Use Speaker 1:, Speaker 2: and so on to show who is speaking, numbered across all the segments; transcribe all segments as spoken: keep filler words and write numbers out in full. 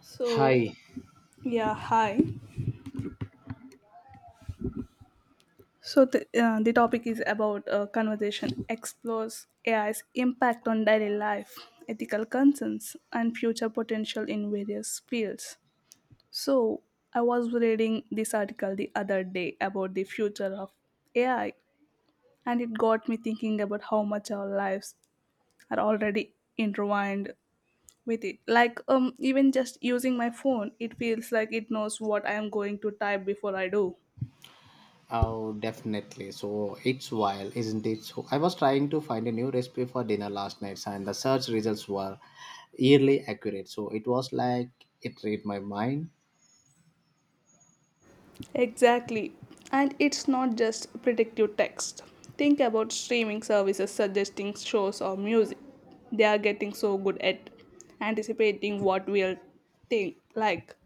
Speaker 1: So,
Speaker 2: Hi.
Speaker 1: yeah, hi. So, the, uh, the topic is about uh, conversation explores A I's impact on daily life, ethical concerns, and future potential in various fields. So, I was reading this article the other day about the future of A I, and it got me thinking about how much our lives are already intertwined with it. Like, um, even just using my phone, it feels like it knows what I am going to type before I do.
Speaker 2: Oh, definitely. So it's wild, isn't it? So I was trying to find a new recipe for dinner last night, and the search results were eerily accurate. So it was like it read my mind.
Speaker 1: Exactly. And it's not just predictive text. Think about streaming services suggesting shows or music. They are getting so good at anticipating what we'll think like.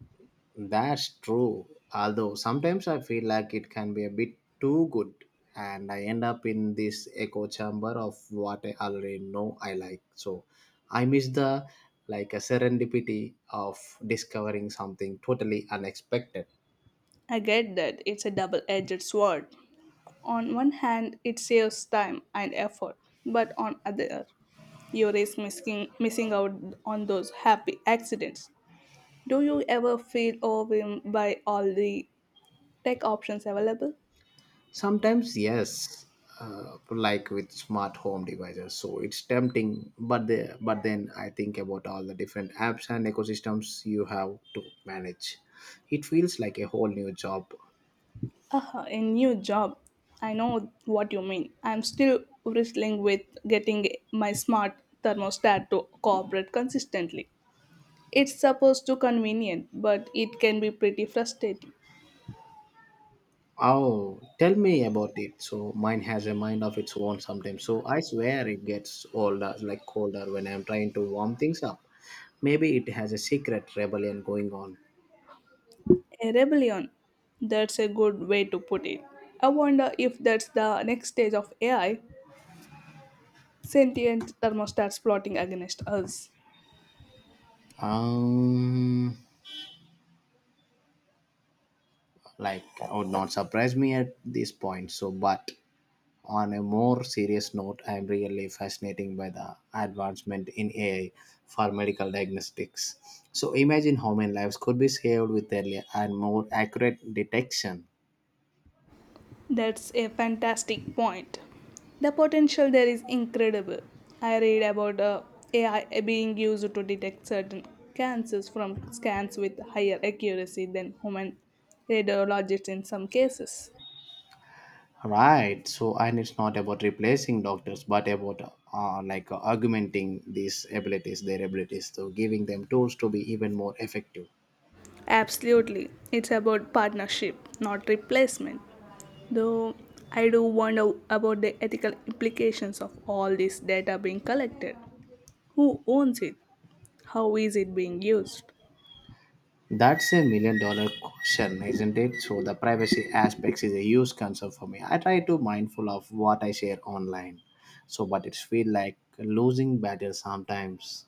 Speaker 2: That's true. Although sometimes I feel like it can be a bit too good, and I end up in this echo chamber of what I already know I like. So I miss the like a serendipity of discovering something totally unexpected.
Speaker 1: I get that it's a double edged sword. On one hand, it saves time and effort, but on other, you risk missing, missing out on those happy accidents. Do you ever feel overwhelmed by all the tech options available?
Speaker 2: Sometimes, yes, uh, like with smart home devices. So it's tempting, but the but then I think about all the different apps and ecosystems you have to manage. It feels like a whole new job.
Speaker 1: Uh, a new job. I know what you mean. I'm still wrestling with getting my smart thermostat to cooperate consistently. It's supposed to convenient, but it can be pretty frustrating.
Speaker 2: Oh, tell me about it. So mine has a mind of its own sometimes. So I swear it gets older, like colder when I'm trying to warm things up. Maybe it has a secret rebellion going on.
Speaker 1: A rebellion. That's a good way to put it. I wonder if that's the next stage of A I, sentient thermostats plotting against us.
Speaker 2: Um, like, would not surprise me at this point. So, but on a more serious note, I am really fascinated by the advancement in A I for medical diagnostics. So imagine how many lives could be saved with earlier and more accurate detection.
Speaker 1: That's a fantastic point. The potential there is incredible. I read about uh, A I being used to detect certain cancers from scans with higher accuracy than human radiologists in some cases.
Speaker 2: Right. So and it's not about replacing doctors, but about uh, like uh, augmenting these abilities, their abilities, so giving them tools to be even more effective.
Speaker 1: Absolutely, it's about partnership, not replacement. Though I do wonder about the ethical implications of all this data being collected. Who owns it? How is it being used?
Speaker 2: That's a million dollar question, isn't it? So the privacy aspects is a huge concern for me. I try to mindful of what I share online. So but it's feel like losing battle sometimes.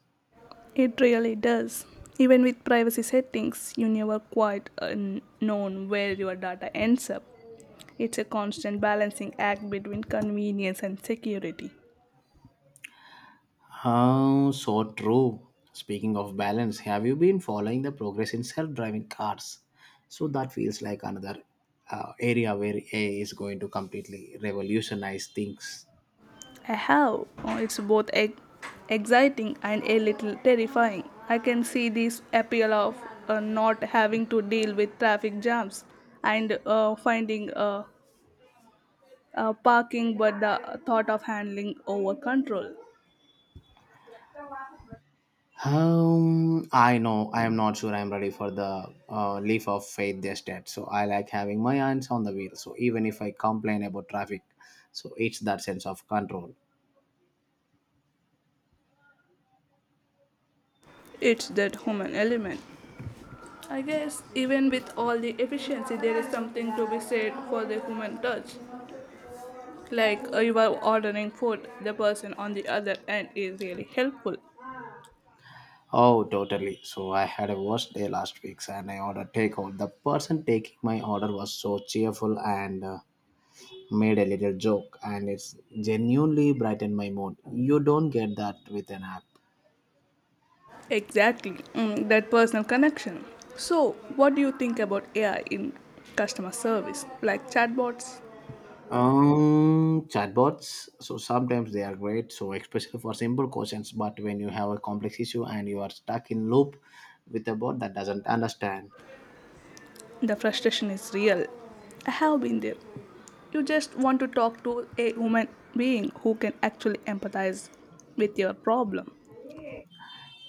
Speaker 1: It really does. Even with privacy settings, you never quite uh, known where your data ends up. It's a constant balancing act between convenience and security.
Speaker 2: Oh, so true. Speaking of balance, have you been following the progress in self-driving cars? So that feels like another uh, area where A I is going to completely revolutionize things.
Speaker 1: I have. Oh, it's both ex- exciting and a little terrifying. I can see this appeal of uh, not having to deal with traffic jams and uh, finding uh, uh, parking, but the thought of handling over control.
Speaker 2: Um, I know I am not sure I am ready for the uh, leap of faith just yet. So I like having my hands on the wheel. So even if I complain about traffic, so it's that sense of control.
Speaker 1: It's that human element. I guess even with all the efficiency, there is something to be said for the human touch. Like uh, you are ordering food, the person on the other end is really helpful.
Speaker 2: Oh, totally. So I had a worst day last week, and I ordered takeout. The person taking my order was so cheerful and uh, made a little joke, and it's genuinely brightened my mood. You don't get that with an app.
Speaker 1: Exactly, mm, that personal connection. So, what do you think about A I in customer service? Like chatbots,
Speaker 2: Um, chatbots. So sometimes they are great. So especially for simple questions, but when you have a complex issue and you are stuck in loop with a bot that doesn't understand
Speaker 1: the frustration is real. I have been there. You just want to talk to a human being who can actually empathize with your problem.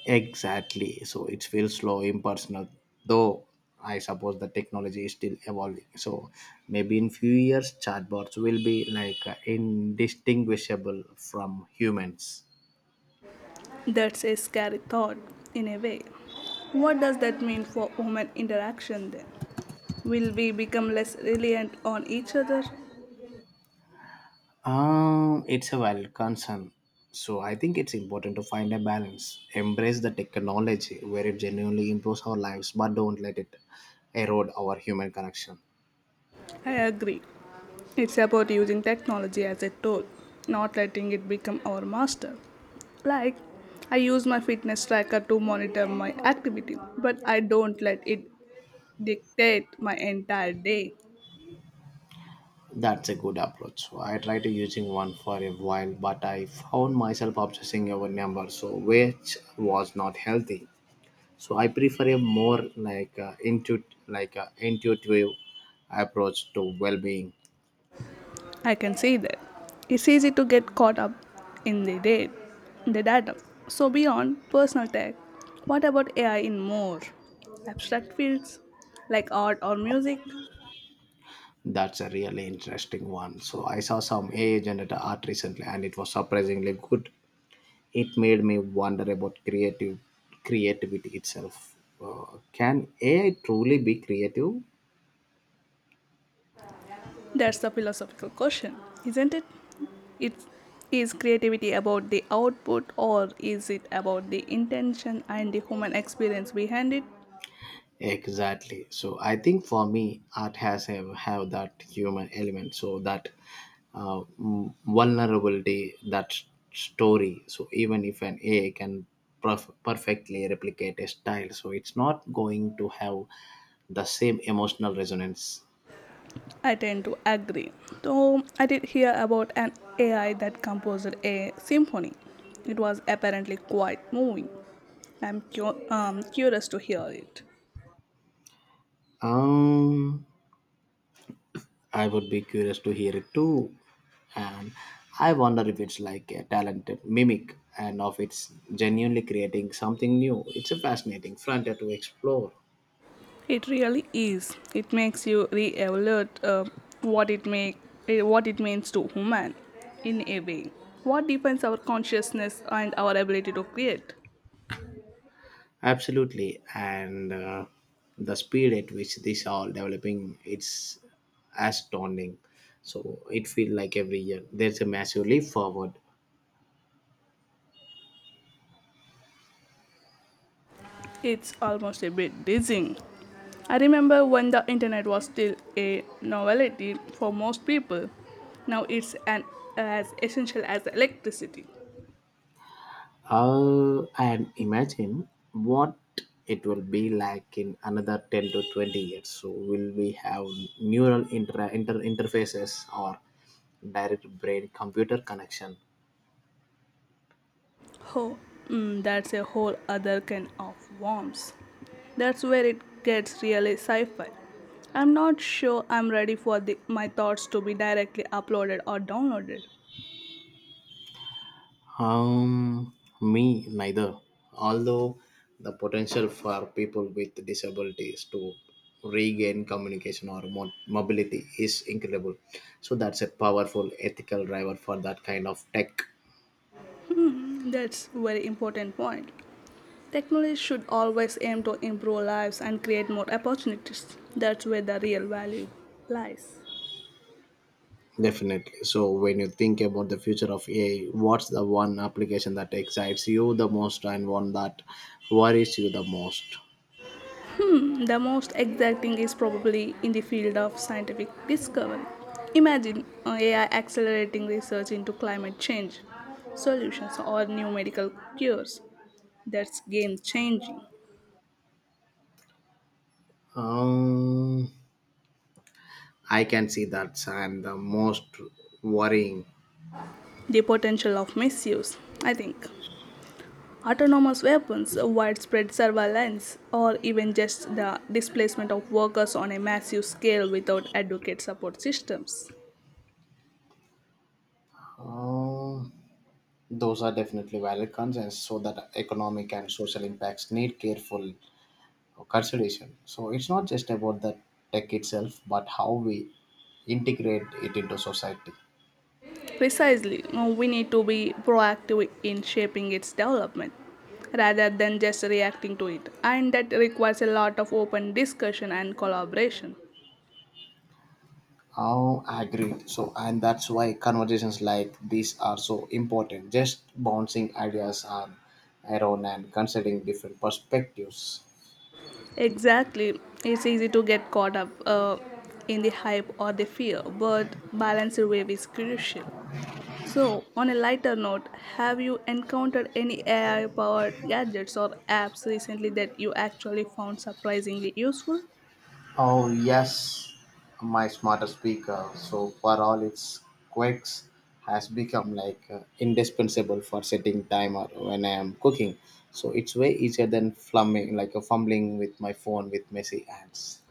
Speaker 2: exactly, so it feels slow, impersonal. Though I suppose the technology is still evolving. So maybe in few years, chatbots will be like uh, indistinguishable from humans.
Speaker 1: That's a scary thought, in a way. What does that mean for human interaction then? Will we become less reliant on each other?
Speaker 2: Um, it's a valid concern. So I think it's important to find a balance. Embrace the technology where it genuinely improves our lives, but don't let it erode our human connection.
Speaker 1: I agree. It's about using technology as a tool, not letting it become our master. Like, I use my fitness tracker to monitor my activity, but I don't let it dictate my entire day.
Speaker 2: That's a good approach. So I tried to using one for a while, but I found myself obsessing over numbers, so which was not healthy. So I prefer a more like uh, intuit like uh, intuitive approach to well-being.
Speaker 1: I can see that. It's easy to get caught up in the data, the data. So beyond personal tech, what about A I in more abstract fields like art or music?
Speaker 2: That's a really interesting one. So I saw some A I generated art recently and it was surprisingly good. It made me wonder about creative creativity itself. Uh, can A I truly be creative?
Speaker 1: That's a philosophical question, isn't it? It's is creativity about the output or is it about the intention and the human experience behind it?
Speaker 2: Exactly. So I think for me, art has have, have that human element. So that uh, m- vulnerability that s- story, so even if an AI can perf- perfectly replicate a style, so it's not going to have the same emotional resonance.
Speaker 1: I tend to agree. Though I did hear about an A I that composed a symphony. It was apparently quite moving. I'm cu- um, curious to hear it.
Speaker 2: um I would be curious to hear it too, and I wonder if it's like a talented mimic, and if it's genuinely creating something new. It's a fascinating frontier to explore.
Speaker 1: It really is. It makes you re-evaluate uh, what it make eh, what it means to human in a way. What defines our consciousness and our ability to create?
Speaker 2: Absolutely, and uh, the speed at which these are developing, it's astounding. So it feels like every year there's a massive leap forward.
Speaker 1: It's almost a bit dizzying. I remember when the internet was still a novelty for most people. Now it's an, as essential as electricity.
Speaker 2: Uh, and imagine what it will be like in another ten to twenty years. So will we have neural inter- inter- interfaces or direct brain computer connection?
Speaker 1: Oh, mm, that's a whole other can of worms. That's where it gets really sci fi. I'm not sure I'm ready for the, my thoughts to be directly uploaded or downloaded.
Speaker 2: Um, Me neither. Although the potential for people with disabilities to regain communication or mo- mobility is incredible. So that's a powerful ethical driver for that kind of tech.
Speaker 1: That's very important point. Technology should always aim to improve lives and create more opportunities. That's where the real value lies.
Speaker 2: Definitely. So when you think about the future of A I, what's the one application that excites you the most and one that worries you the most?
Speaker 1: The most exciting is probably in the field of scientific discovery. Imagine uh, A I accelerating research into climate change solutions or new medical cures. That's game changing.
Speaker 2: Um, I can see that, and the most worrying.
Speaker 1: The potential of misuse, I think. Autonomous weapons, widespread surveillance, or even just the displacement of workers on a massive scale without adequate support systems.
Speaker 2: Um, Those are definitely valid concerns, so that economic and social impacts need careful consideration. So it's not just about the tech itself, but how we integrate it into society.
Speaker 1: Precisely, no, we need to be proactive in shaping its development rather than just reacting to it, and that requires a lot of open discussion and collaboration.
Speaker 2: Oh, agreed. So, and that's why conversations like these are so important. Just bouncing ideas on around and considering different perspectives.
Speaker 1: Exactly, it's easy to get caught up uh, in the hype or the fear, but balanced wave is crucial. So, on a lighter note, have you encountered any A I powered gadgets or apps recently that you actually found surprisingly useful?
Speaker 2: Oh yes, my smart speaker. So for all its quirks, has become like uh, indispensable for setting timer when I am cooking. So it's way easier than flumming like a fumbling with my phone with messy hands.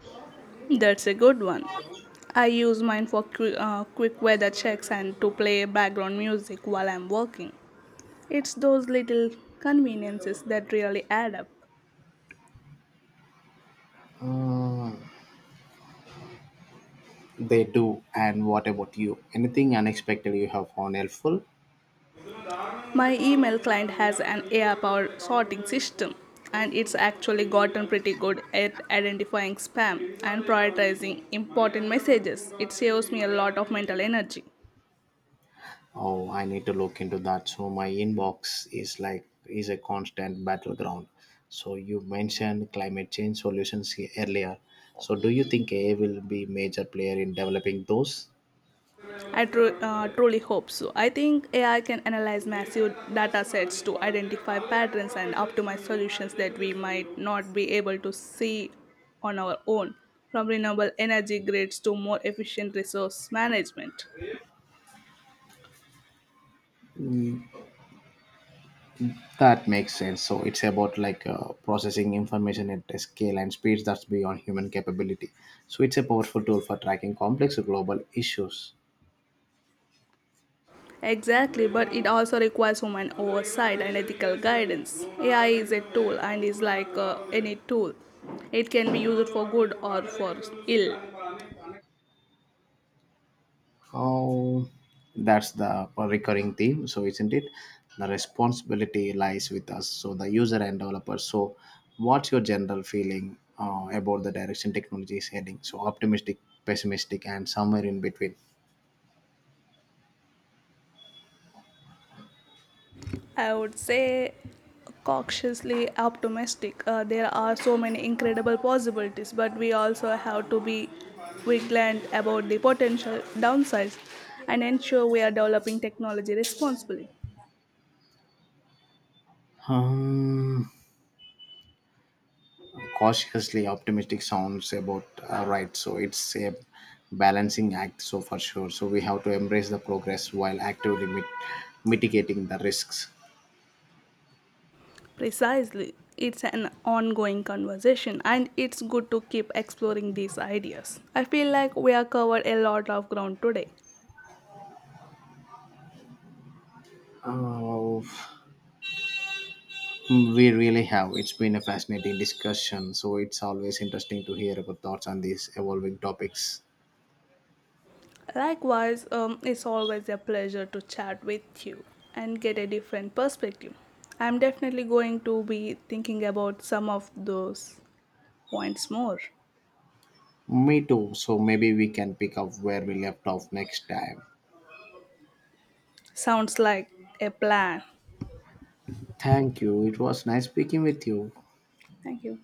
Speaker 1: That's a good one. I use mine for qu- uh, quick weather checks and to play background music while I'm working. It's those little conveniences that really add up.
Speaker 2: Mm, they do. And what about you? Anything unexpected you have found helpful?
Speaker 1: My email client has an A I powered sorting system, and it's actually gotten pretty good at identifying spam and prioritizing important messages. It saves me a lot of mental energy.
Speaker 2: Oh, I need to look into that. So my inbox is like is a constant battleground. So you mentioned climate change solutions he- earlier. So do you think A I will be major player in developing those?
Speaker 1: I tru- uh, truly hope so. I think A I can analyze massive data sets to identify patterns and optimize solutions that we might not be able to see on our own, from renewable energy grids to more efficient resource management.
Speaker 2: That makes sense. So it's about like uh, processing information at a scale and speeds that's beyond human capability. So it's a powerful tool for tracking complex global issues.
Speaker 1: Exactly, but it also requires human oversight and ethical guidance. A I is a tool and is like uh, any tool. It can be used for good or for ill.
Speaker 2: Oh, that's the recurring theme. So, isn't it? The responsibility lies with us, so the user and developer. So, what's your general feeling uh, about the direction technology is heading? So, optimistic, pessimistic, and somewhere in between.
Speaker 1: I would say cautiously optimistic. Uh, there are so many incredible possibilities, but we also have to be vigilant about the potential downsides and ensure we are developing technology responsibly.
Speaker 2: Um, Cautiously optimistic sounds about uh, right. So, it's a balancing act. So, for sure. So, we have to embrace the progress while actively mit- mitigating the risks.
Speaker 1: Precisely, it's an ongoing conversation and it's good to keep exploring these ideas. I feel like we have covered a lot of ground today.
Speaker 2: Oh. Mm, we really have. It's been a fascinating discussion, so it's always interesting to hear about thoughts on these evolving topics.
Speaker 1: Likewise, um, it's always a pleasure to chat with you and get a different perspective. I'm definitely going to be thinking about some of those points more.
Speaker 2: Me too, so maybe we can pick up where we left off next time.
Speaker 1: Sounds like a plan.
Speaker 2: Thank you. It was nice speaking with you.
Speaker 1: Thank you.